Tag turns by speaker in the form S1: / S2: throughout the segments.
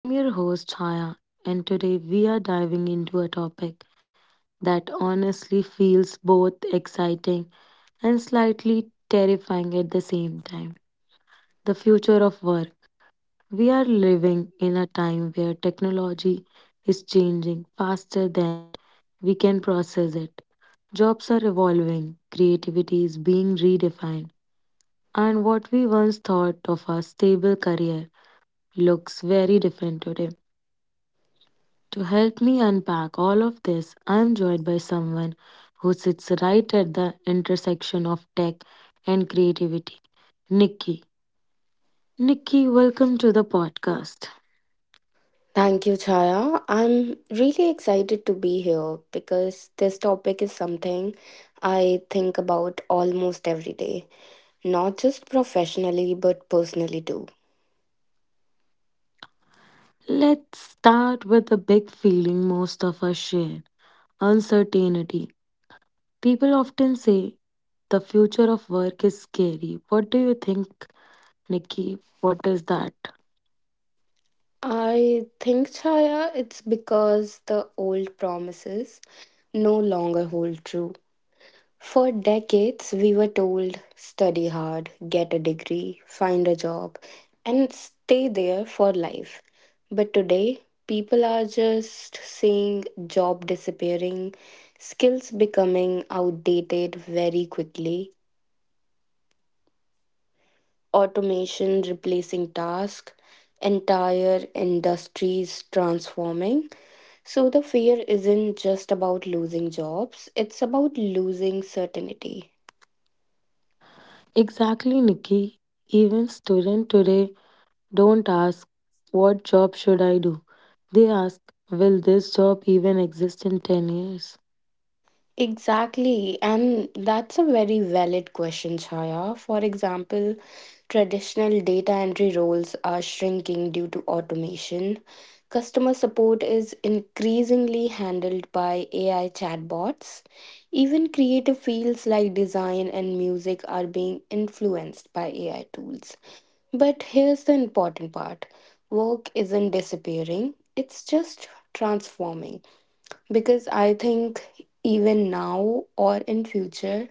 S1: I'm your host, Chaya, and today we are diving into a topic that honestly feels both exciting and slightly terrifying at the same time the future of work. We are living in a time where technology is changing faster than we can process it. Jobs are evolving, creativity is being redefined, and what we once thought of a stable career looks very different today. To help me unpack all of this, I am joined by someone who sits right at the intersection of tech and creativity, Nikki. Nikki, welcome to the podcast.
S2: Thank you, Chaya. I'm really excited to be here because this topic is something I think about almost every day, not just professionally but personally too.
S1: Let's start with the big feeling most of us share uncertainty. People often say the future of work is scary. What do you think, Nikki? What is that?
S2: I think, Chaya, it's because the old promises no longer hold true. For decades, we were told study hard, get a degree, find a job, and stay there for life. But today, people are just seeing job disappearing, skills becoming outdated very quickly, automation replacing tasks, entire industries transforming. So the fear isn't just about losing jobs, it's about losing certainty.
S1: Exactly, Nikki. Even students today don't ask, what job should I do? They ask, will this job even exist in 10 years?
S2: Exactly, and that's a very valid question, Chaya. For example, traditional data entry roles are shrinking due to automation. Customer support is increasingly handled by AI chatbots. Even creative fields like design and music are being influenced by AI tools. But here's the important part, work isn't disappearing, it's just transforming, because I think even now or in future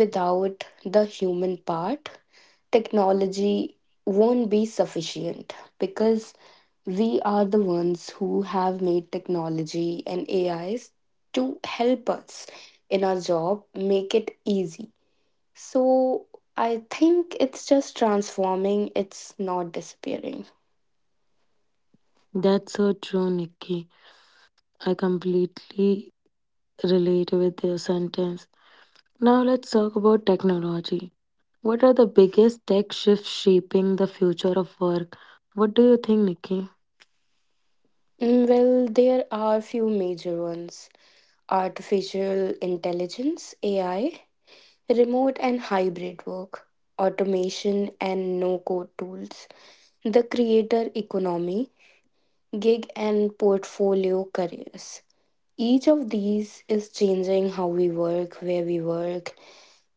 S2: without the human part, technology won't be sufficient because we are the ones who have made technology and AIs to help us in our job, make it easy. So I think it's just transforming, it's not disappearing.
S1: That's so true, Nikki. I completely relate with your sentence. Now let's talk about technology. What are the biggest tech shifts shaping the future of work? What do you think, Nikki?
S2: Well there are few major ones: artificial intelligence, AI, remote and hybrid work, automation and no code tools, the creator economy, gig and portfolio careers. Each of these is changing how we work, where we work,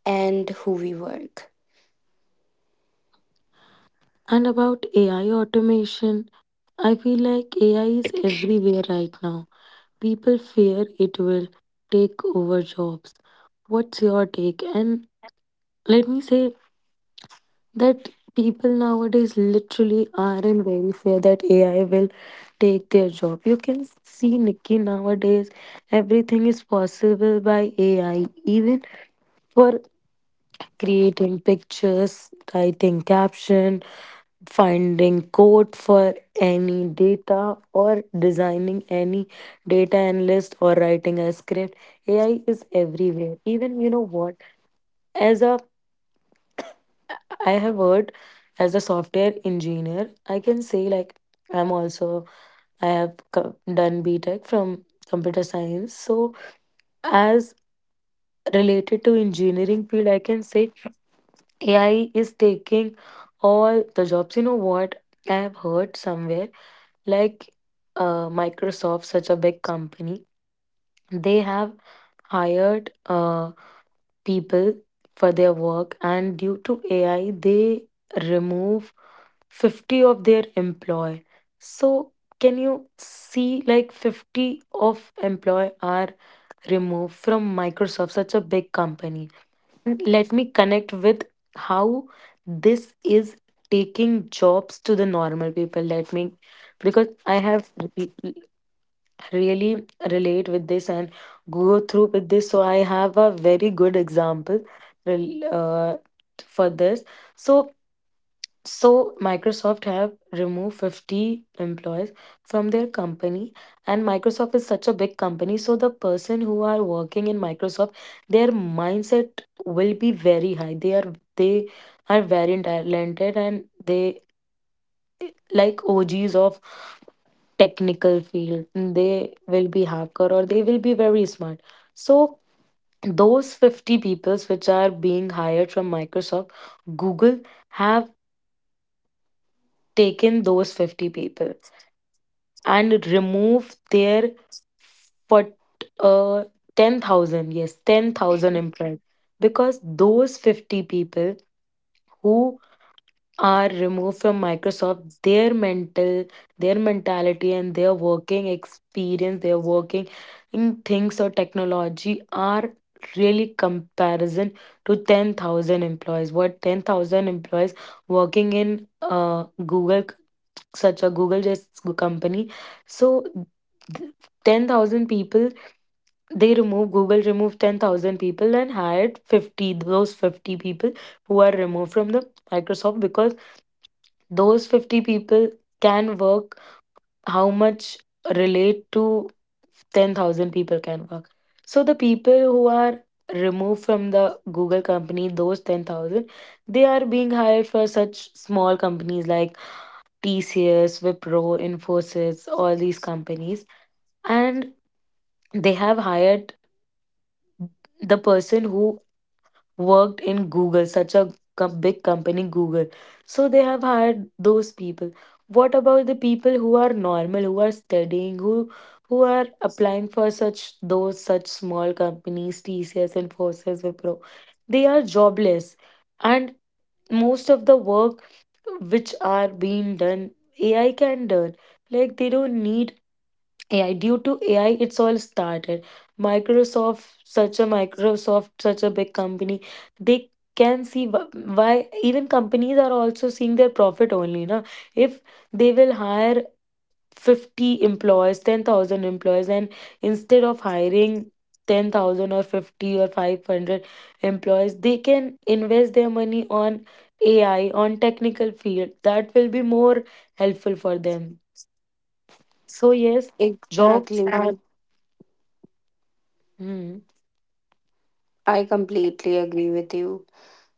S2: and who we work.
S1: And about AI automation, I feel like AI is everywhere right now. People fear it will take over jobs. What's your take? And let me say that people nowadays literally aren't very fair that AI will take their job. You can see, Nikki, nowadays everything is possible by AI, even for creating pictures, writing caption, finding code for any data or designing any data analyst or writing a script. AI is everywhere. Even, you know what, as a I have worked as a software engineer. I can say, like, I'm also I have done B Tech from computer science. So as related to engineering field, I can say AI is taking all the jobs. You know what, I have heard somewhere like, Microsoft, such a big company, they have hired people for their work, and due to AI, they remove 50 of their employee. So, can you see like 50 of employee are removed from Microsoft, such a big company? Let me connect with how this is taking jobs to the normal people. Let me, because I have really relate with this and go through with this. So I have a very good example rel- uh, for this. So so Microsoft have removed 50 employees from their company, and Microsoft is such a big company. So the person who are working in Microsoft, their mindset will be very high. They are very talented, and they like OGs of technical field. They will be hacker, or they will be very smart. So those 50 peoples which are being hired from Microsoft, Google have taken those 50 people and remove their, what, uh 10,000. Yes, 10,000 employees because those 50 people who are removed from Microsoft, their mental, their mentality, and their working experience, their working in things or technology are really comparison to 10,000 employees. What 10,000 employees working in Google, such a Google just company. So th- 10,000 people, they remove, Google removed 10,000 people and hired 50, those 50 people who are removed from the Microsoft because those 50 people can work how much relate to 10,000 people can work. So the people who are removed from the Google company, those 10,000, they are being hired for such small companies like TCS, Wipro, Infosys, all these companies. And they have hired the person who worked in Google, such a big company, Google. So they have hired those people. What about the people who are normal, who are studying, who are applying for such those such small companies, TCS, and Infosys, Wipro? They are jobless, and most of the work which are being done, AI can done. Like, they don't need AI. Due to AI, it's all started. Microsoft, such a big company, they can see why even companies are also seeing their profit only. Na? If they will hire 50 employees, 10,000 employees, and instead of hiring 10,000 or 50 or 500 employees, they can invest their money on AI, on technical field. That will be more helpful for them. So, yes, jobs are
S2: Exactly.
S1: Hmm.
S2: I completely agree with you.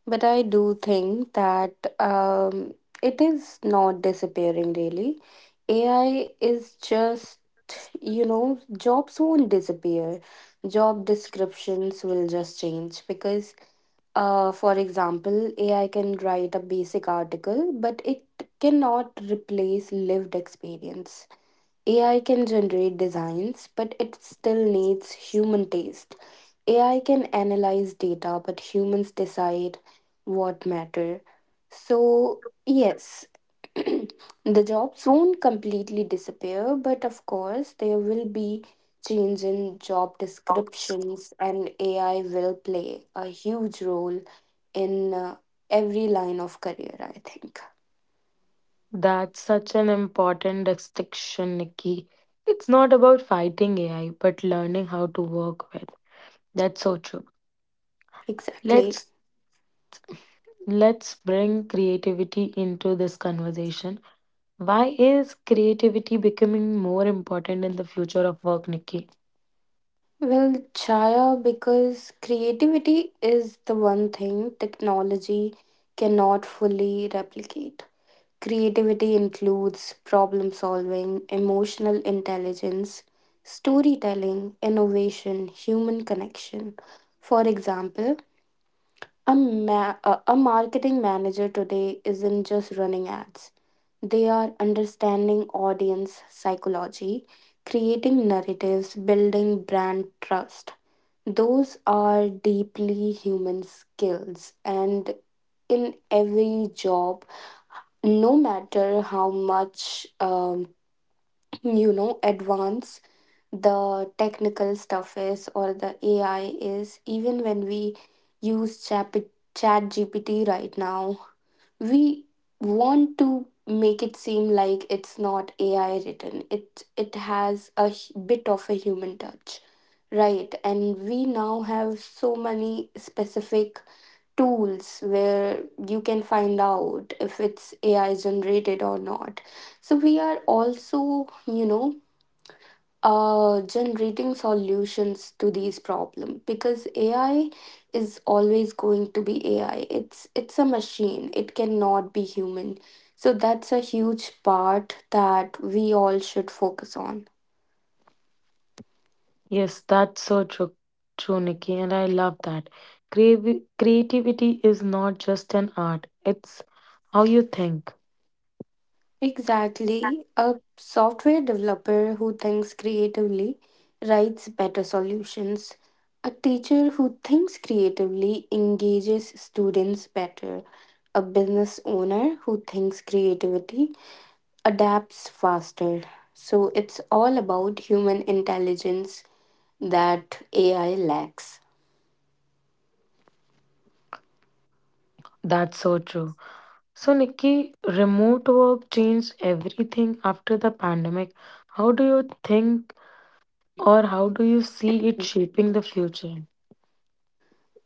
S2: But I do think that um, it is not disappearing really. AI is just, you know, jobs won't disappear, job descriptions will just change, because for example, AI can write a basic article but it cannot replace lived experience. AI can generate designs, but it still needs human taste. AI can analyze data, but humans decide what matter. So, yes, the jobs won't completely disappear, but of course, there will be change in job descriptions, and AI will play a huge role in every line of career, I think.
S1: That's such an important distinction, Nikki. It's not about fighting AI, but learning how to work with. That's so true.
S2: Exactly.
S1: Let's let's bring creativity into this conversation. Why is creativity becoming more important in the future of work, Nikki?
S2: Well, Chaya, because creativity is the one thing technology cannot fully replicate. Creativity includes problem solving, emotional intelligence, storytelling, innovation, human connection. For example, a, ma- a marketing manager today isn't just running ads, they are understanding audience psychology, creating narratives, building brand trust. Those are deeply human skills, and in every job, no matter how much advance the technical stuff is or the AI is, even when we use Chat GPT right now, we want to make it seem like it's not AI written, it has a bit of a human touch, right? And we now have so many specific tools where you can find out if it's AI generated or not, so we are also, you know, generating solutions to these problems, because AI is always going to be AI. It's a machine. It cannot be human. So that's a huge part that we all should focus on.
S1: Yes, that's so true, true, Nikki, and I love that. Creativity is not just an art; it's how you think.
S2: Exactly. A software developer who thinks creatively writes better solutions. A teacher who thinks creatively engages students better. A business owner who thinks creativity adapts faster. So it's all about human intelligence that AI lacks.
S1: That's so true. So, Nikki, remote work changed everything after the pandemic. How do you think or how do you see it shaping the future?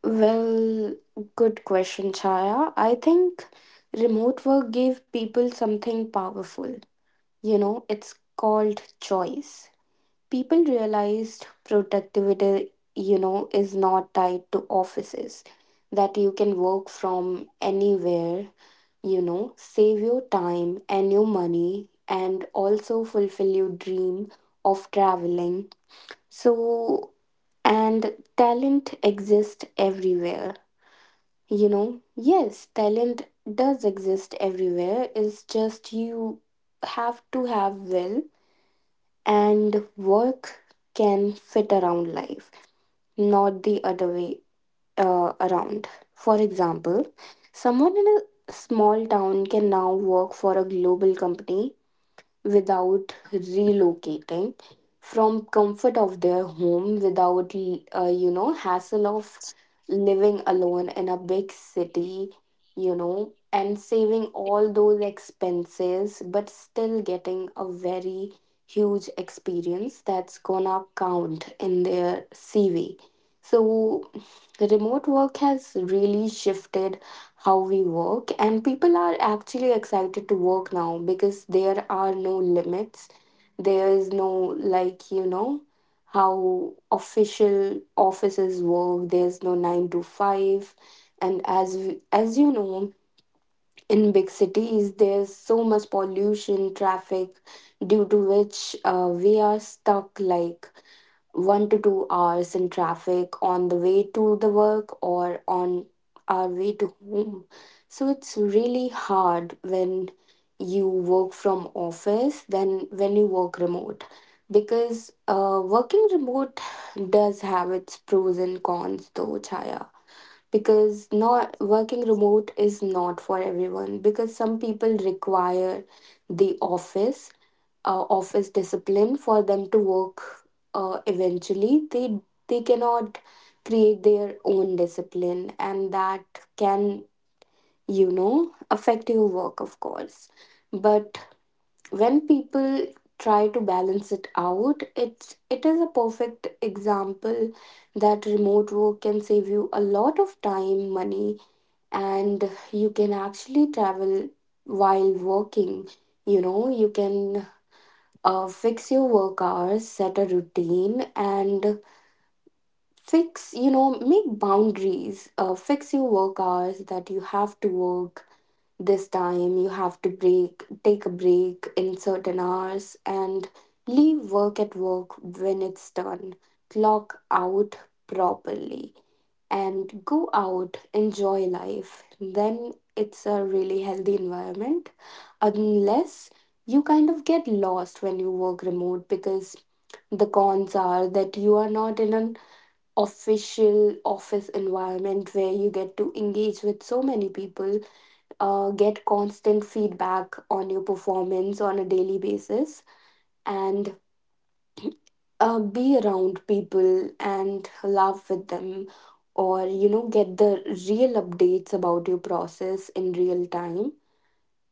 S2: Well, good question, Chaya. I think remote work gave people something powerful. You know, it's called choice. People realized productivity, you know, is not tied to offices, that you can work from anywhere, you know, save your time and your money, and also fulfill your dream of traveling. So, and talent exists everywhere, you know. Yes, talent does exist everywhere, it's just you have to have will, and work can fit around life, not the other way around. For example, someone in a small town can now work for a global company without relocating from comfort of their home, without hassle of living alone in a big city, you know, and saving all those expenses but still getting a very huge experience that's gonna count in their CV. So remote work has really shifted how we work, and people are actually excited to work now because there are no limits, there is no like, you know, how official offices work, there's no 9 to 5, and as you know in big cities there's so much pollution, traffic, due to which we are stuck like 1 to 2 hours in traffic on the way to the work or on our way to home. So it's really hard when you work from office than when you work remote, because working remote does have its pros and cons though, Chaya, because not working remote is not for everyone, because some people require the office office discipline for them to work. Eventually they cannot create their own discipline and that can, you know, affect your work of course. But when people try to balance it out, it is a perfect example that remote work can save you a lot of time, money, and you can actually travel while working. You know, you can fix your work hours, set a routine, and fix, you know, make boundaries. Fix your work hours that you have to work this time, you have to break, take a break in certain hours, and leave work at work when it's done. Clock out properly and go out, enjoy life, then it's a really healthy environment. Unless you kind of get lost when you work remote, because the cons are that you are not in an official office environment where you get to engage with so many people, get constant feedback on your performance on a daily basis, and be around people and laugh with them, or you know get the real updates about your process in real time.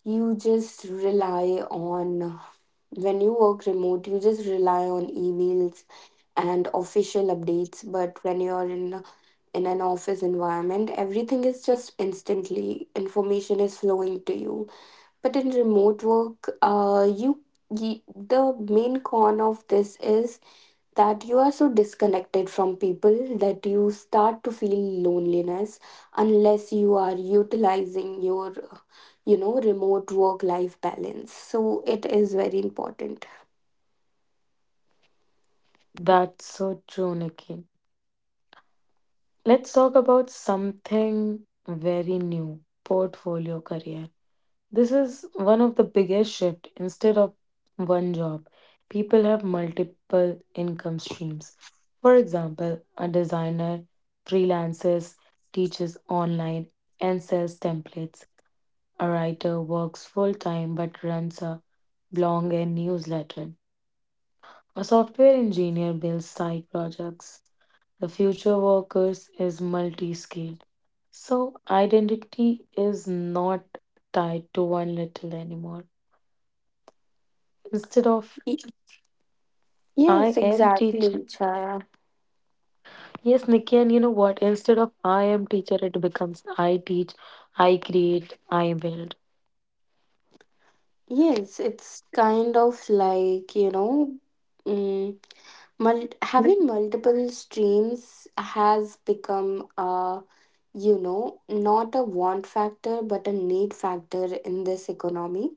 S2: You just rely on, when you work remote you just rely on emails and official updates, but when you're in in an office environment everything is just instantly, information is flowing to you. But in remote work, you, you, the main con of this is that you are so disconnected from people that you start to feel loneliness, unless you are utilizing your you know remote work life balance. So it is very important.
S1: That's so true, Nikki. Let's talk about something very new portfolio career. This is one of the biggest shift. Instead of one job, people have multiple income streams. For example, a designer freelances, teaches online, and sells templates. A writer works full time but runs a blog and newsletter. A software engineer builds side projects. The future workers is multi skilled. So, identity is not tied to one little anymore. Instead of
S2: Y- yes,
S1: I am
S2: exactly,
S1: teacher.
S2: Chaya.
S1: Yes, Nikki, and you know what? Instead of I am teacher, it becomes I teach, I create, I build.
S2: Yes, it's kind of like, you know, mm, having multiple streams has become a, you know, not a want factor but a need factor in this economy,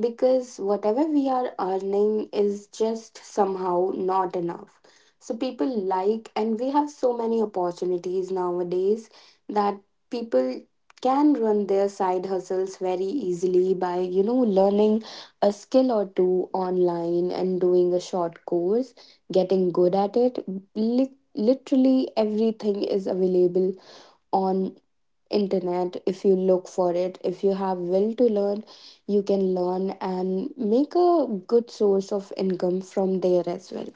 S2: because whatever we are earning is just somehow not enough. So people like, and we have so many opportunities nowadays that people can run their side hustles very easily by, you know, learning a skill or two online and doing a short course, getting good at it. Literally everything is available on internet. If you look for it, if you have will to learn, you can learn and make a good source of income from there as well.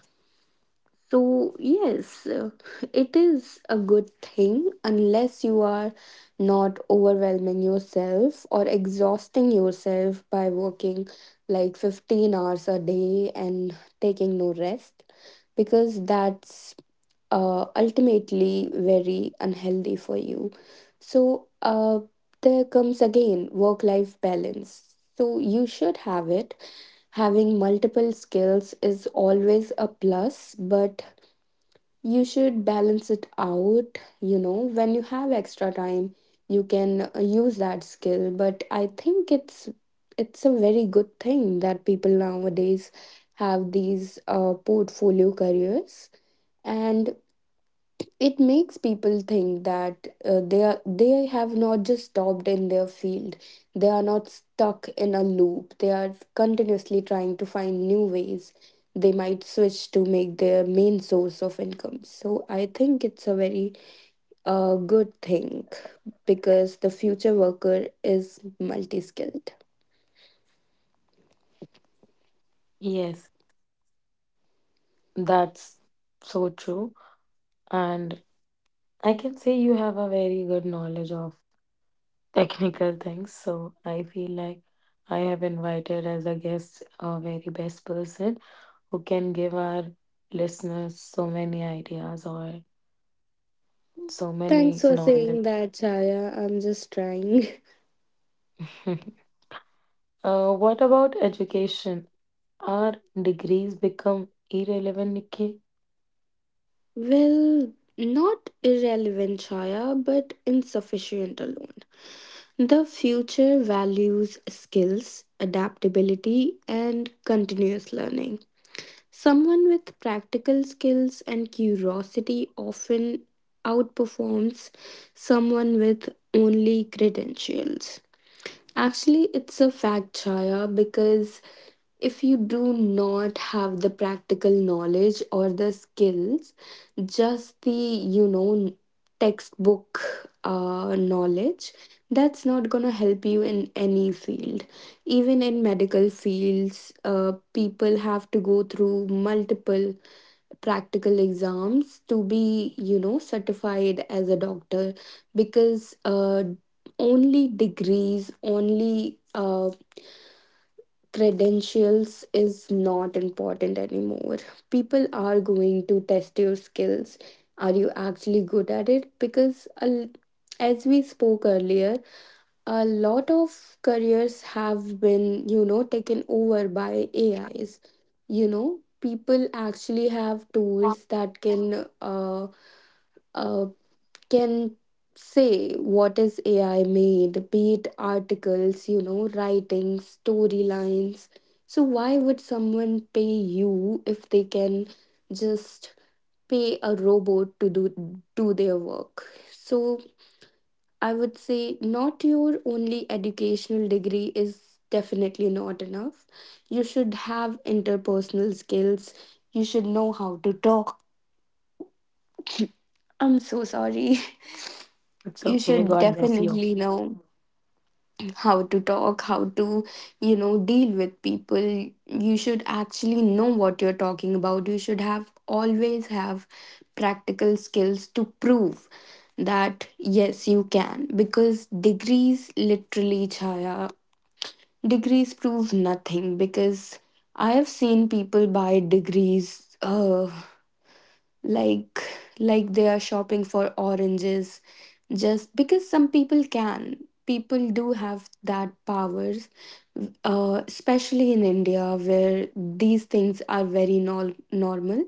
S2: So yes, it is a good thing unless you are not overwhelming yourself or exhausting yourself by working like 15 hours a day and taking no rest, because that's ultimately very unhealthy for you. So, there comes again work life balance. So, you should have it. Having multiple skills is always a plus, but you should balance it out. You know, when you have extra time, you can use that skill. But I think it's a very good thing that people nowadays have these portfolio careers, and it makes people think that they have not just stopped in their field, they are not stuck in a loop, they are continuously trying to find new ways they might switch to make their main source of income. So I think it's a very good thing, because the future worker is multi-skilled.
S1: Yes, that's so true. And I can say you have a very good knowledge of technical things, so I feel like I have invited as a guest a very best person who can give our listeners so many ideas or so
S2: Thanks
S1: many
S2: for saying
S1: knowledge.
S2: that, Chaya. I'm just trying.
S1: What about education? Are degrees become irrelevant, Nikki?
S2: Well, not irrelevant, Chaya, but insufficient alone. The future values skills, adaptability, and continuous learning. Someone with practical skills and curiosity often outperforms someone with only credentials. Actually, it's a fact, Chaya, because if you do not have the practical knowledge or the skills, just the, you know, textbook knowledge, that's not going to help you in any field, even in medical fields. People have to go through multiple practical exams to be, you know, certified as a doctor, because only degrees, only credentials is not important anymore. People are going to test your skills. Are you actually good at it? Because as we spoke earlier, a lot of careers have been, you know, taken over by AIs. You know, people actually have tools that uh, can say what is AI made, be it articles, you know, writing, storylines. So why would someone pay you if they can just pay a robot to do their work? So I would say not your only educational degree is definitely not enough. You should have interpersonal skills. You should know how to talk. I'm so sorry.
S1: It's
S2: You
S1: okay.
S2: should
S1: God bless you.
S2: definitely know. How to talk, how to, you know, deal with people. You should actually know what you're talking about. You should have always have practical skills to prove that yes, you can. Because degrees literally, Chaya, degrees prove nothing. Because I have seen people buy degrees. Like like they are shopping for oranges just because some people do have that powers especially in india where these things are very normal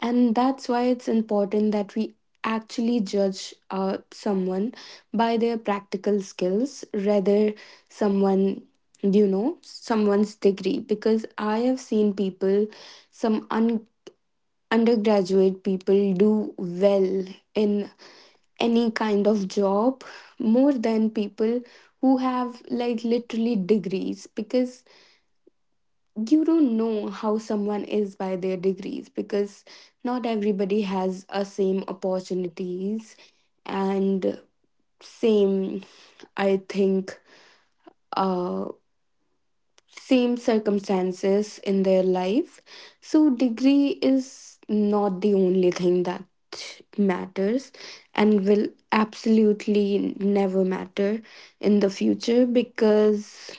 S2: and that's why it's important that we actually judge someone by their practical skills rather someone someone's degree because I have seen people some un undergraduate people do well in any kind of job more than people who have like literally degrees because you don't know how someone is by their degrees because not everybody has a same opportunities and same I think uh same circumstances in their life. So, degree is not the only thing that matters and will absolutely never matter in the future because,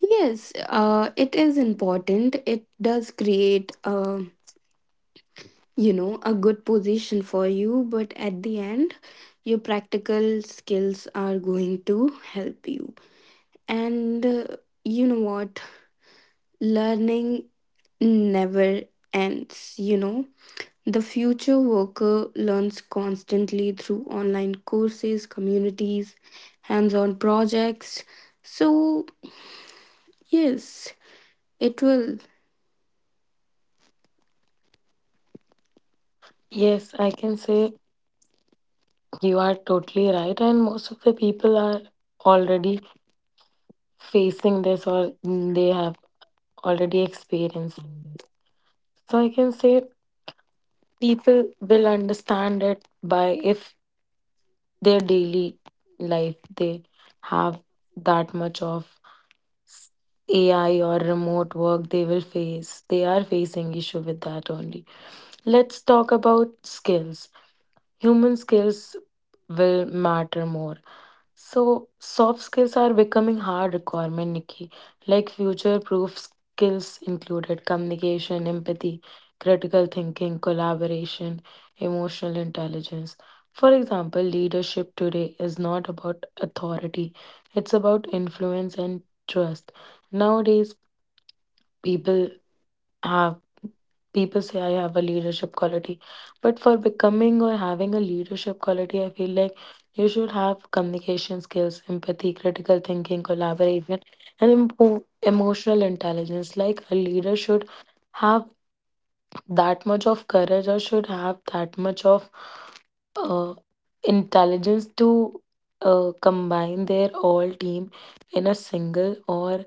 S2: yes, it is important. It does create a, you know, a good position for you but at the end your practical skills are going to help you. And you know what, learning never ends, you know. The future worker learns constantly through online courses, communities, hands on projects. So, yes, it will.
S1: Yes, I can say you are totally right, and most of the people are already facing this or they have already experienced this. So I can say people will understand it by if their daily life they have that much of s- AI or remote work they will face. They are facing issue with that only. Let's talk about skills. Human skills will matter more. So soft skills are becoming hard requirement, Nikki, like future-proof skills included communication, empathy, critical thinking, collaboration, emotional intelligence. For example, leadership today is not about authority, it's about influence and trust. Nowadays, people have people say I have a leadership quality, but for becoming or having a leadership quality, I feel like you should have communication skills, empathy, critical thinking, collaboration, and emotional intelligence. Like, a leader should have that much of courage or should have that much of uh, intelligence to combine their all team in a single or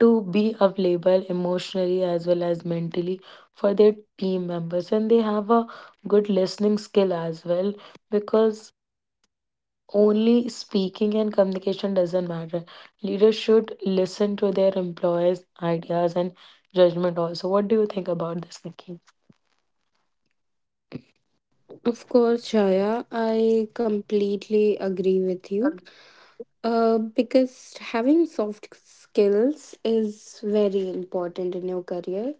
S1: to be available emotionally as well as mentally for their team members. And they have a good listening skill as well, because only speaking and communication doesn't matter. Leaders should listen to their employees ideas and judgment also. What do you think about this, Nikki?
S2: Of course, Shaya, I completely agree with you. Because having soft skills is very important in your career.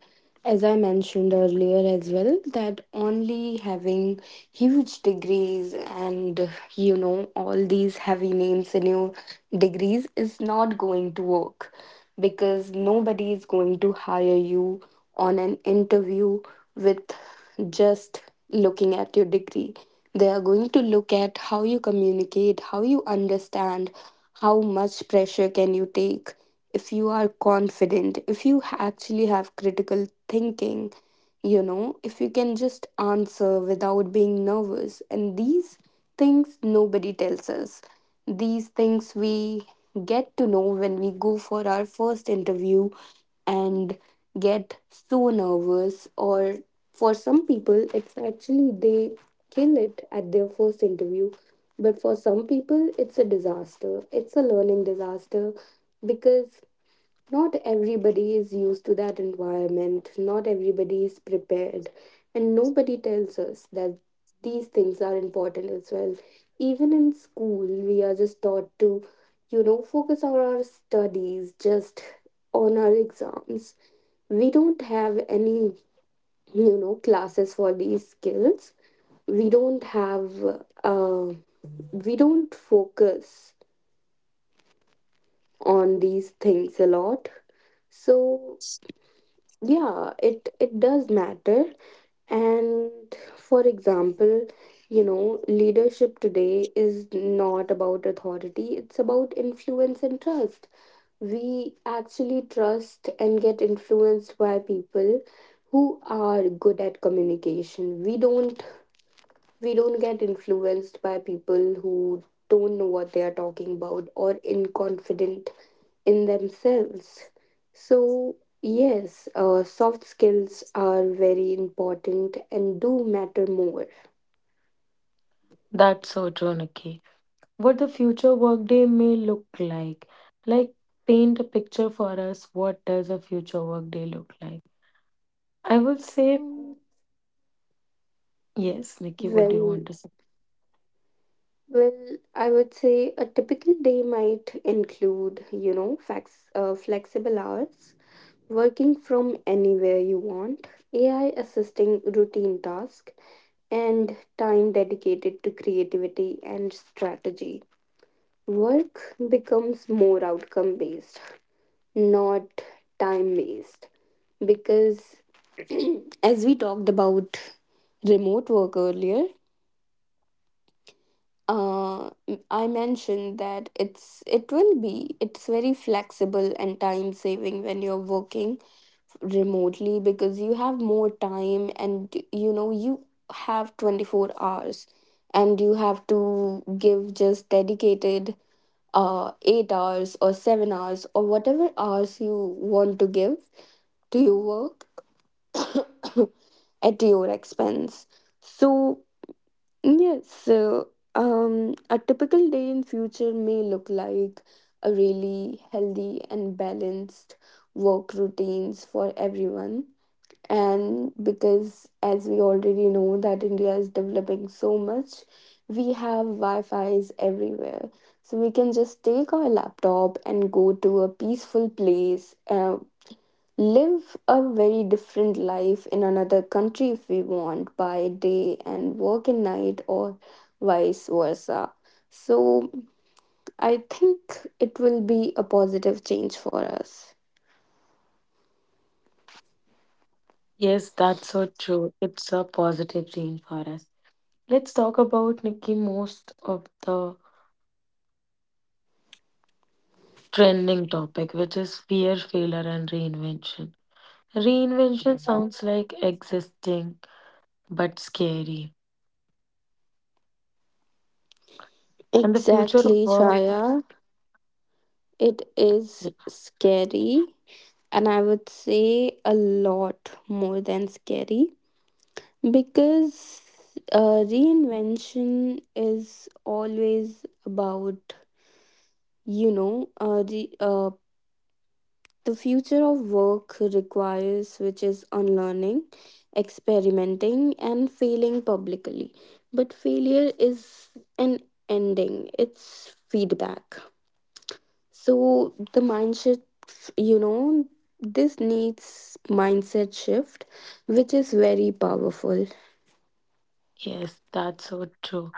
S2: As I mentioned earlier as well, that only having huge degrees and you know all these heavy names in your degrees is not going to work because nobody is going to hire you on an interview with just looking at your degree. They are going to look at how you communicate, how you understand, how much pressure can you take, if you are confident, if you actually have critical thinking, you know, if you can just answer without being nervous. And these things nobody tells us. These things we get to know when we go for our first interview and get so nervous, or for some people it's actually they kill it at their first interview, but for some people it's a disaster, it's a learning disaster because not everybody is used to that environment, not everybody is prepared, and nobody tells us that these things are important as well. Even in school, we are just taught to, you know, focus on our studies, just on our exams. We don't have any, you know, classes for these skills. We don't have, uh, we don't focus on these things a lot. So yeah, it does matter. And for example, you know, leadership today is not about authority, it's about influence and trust. We actually trust and get influenced by people who are good at communication. We don't get influenced by people who don't know what they are talking about or inconfident in themselves. So, yes, soft skills are very important and do matter more.
S1: That's so true, Nikki. What the future workday may look like. Like, paint a picture for us. What does a future workday look like? I will say,
S2: Um,
S1: yes, Nikki, what do you
S2: well,
S1: want to say?
S2: well, I would say a typical day might include, you know, flexible hours working from anywhere you want, AI assisting routine tasks, and time dedicated to creativity and strategy. Work becomes more outcome based, not time based. Because as we talked about remote work earlier, uh, I mentioned that it's, it will be it's very flexible and time saving when you're working remotely because you have more time and you know you have 24 hours and you have to give just dedicated 8 hours or 7 hours or whatever hours you want to give to your work at your expense. So yes, so a typical day in future may look like a really healthy and balanced work routines for everyone. And because as we already know that India is developing so much, we have Wi-Fi's everywhere. So we can just take our laptop and go to a peaceful place, live a very different life in another country if we want by day and work in night or vice versa. So I think it will be a positive change for us.
S1: Yes, that's so true. It's a positive change for us. Let's talk about, Nikki, most of the trending topic, which is fear, failure, and reinvention. Reinvention sounds like existing but scary. And the future of
S2: Exactly,
S1: work,
S2: Chaya. It is scary, and I would say a lot more than scary because reinvention is always about you know the future of work requires, which is unlearning, experimenting, and failing publicly. But failure is an ending, it's feedback. So, the mindset, you know, this needs mindset shift, which is very powerful.
S1: yes, that's so true.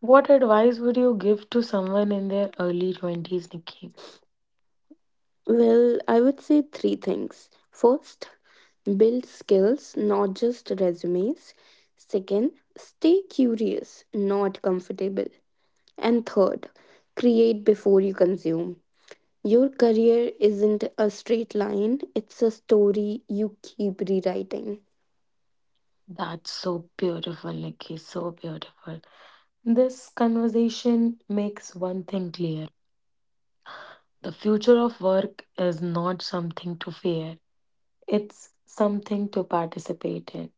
S1: What advice would you give to someone in their early 20s, Nikki?
S2: Well, I would say three things. First, build skills, not just resumes. Second, stay curious, not comfortable. And third, create before you consume. Your career isn't a straight line, it's a story you keep rewriting.
S1: That's so beautiful, Nikki. So beautiful. This conversation makes one thing clear the future of work is not something to fear, it's something to participate in.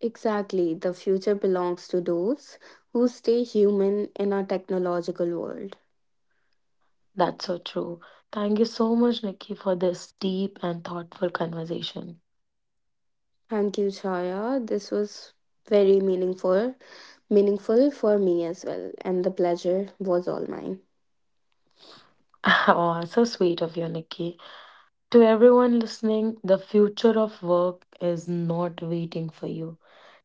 S2: Exactly, the future belongs to those who stay human in our technological world.
S1: That's so true. Thank you so much, Nikki, for this deep and thoughtful conversation.
S2: Thank you, Chaya. This was very meaningful for me as well, and the pleasure was all mine.
S1: Oh, so sweet of you, Nikki. To everyone listening, the future of work is not waiting for you.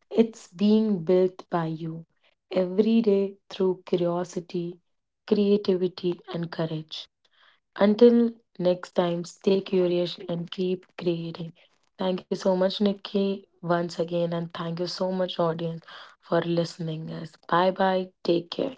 S1: It's being built by you every day through curiosity, creativity, and courage. Until next time, stay curious and keep creating. Thank you so much, Nikki, once again, and thank you so much, audience, for listening us. Bye bye. Take care.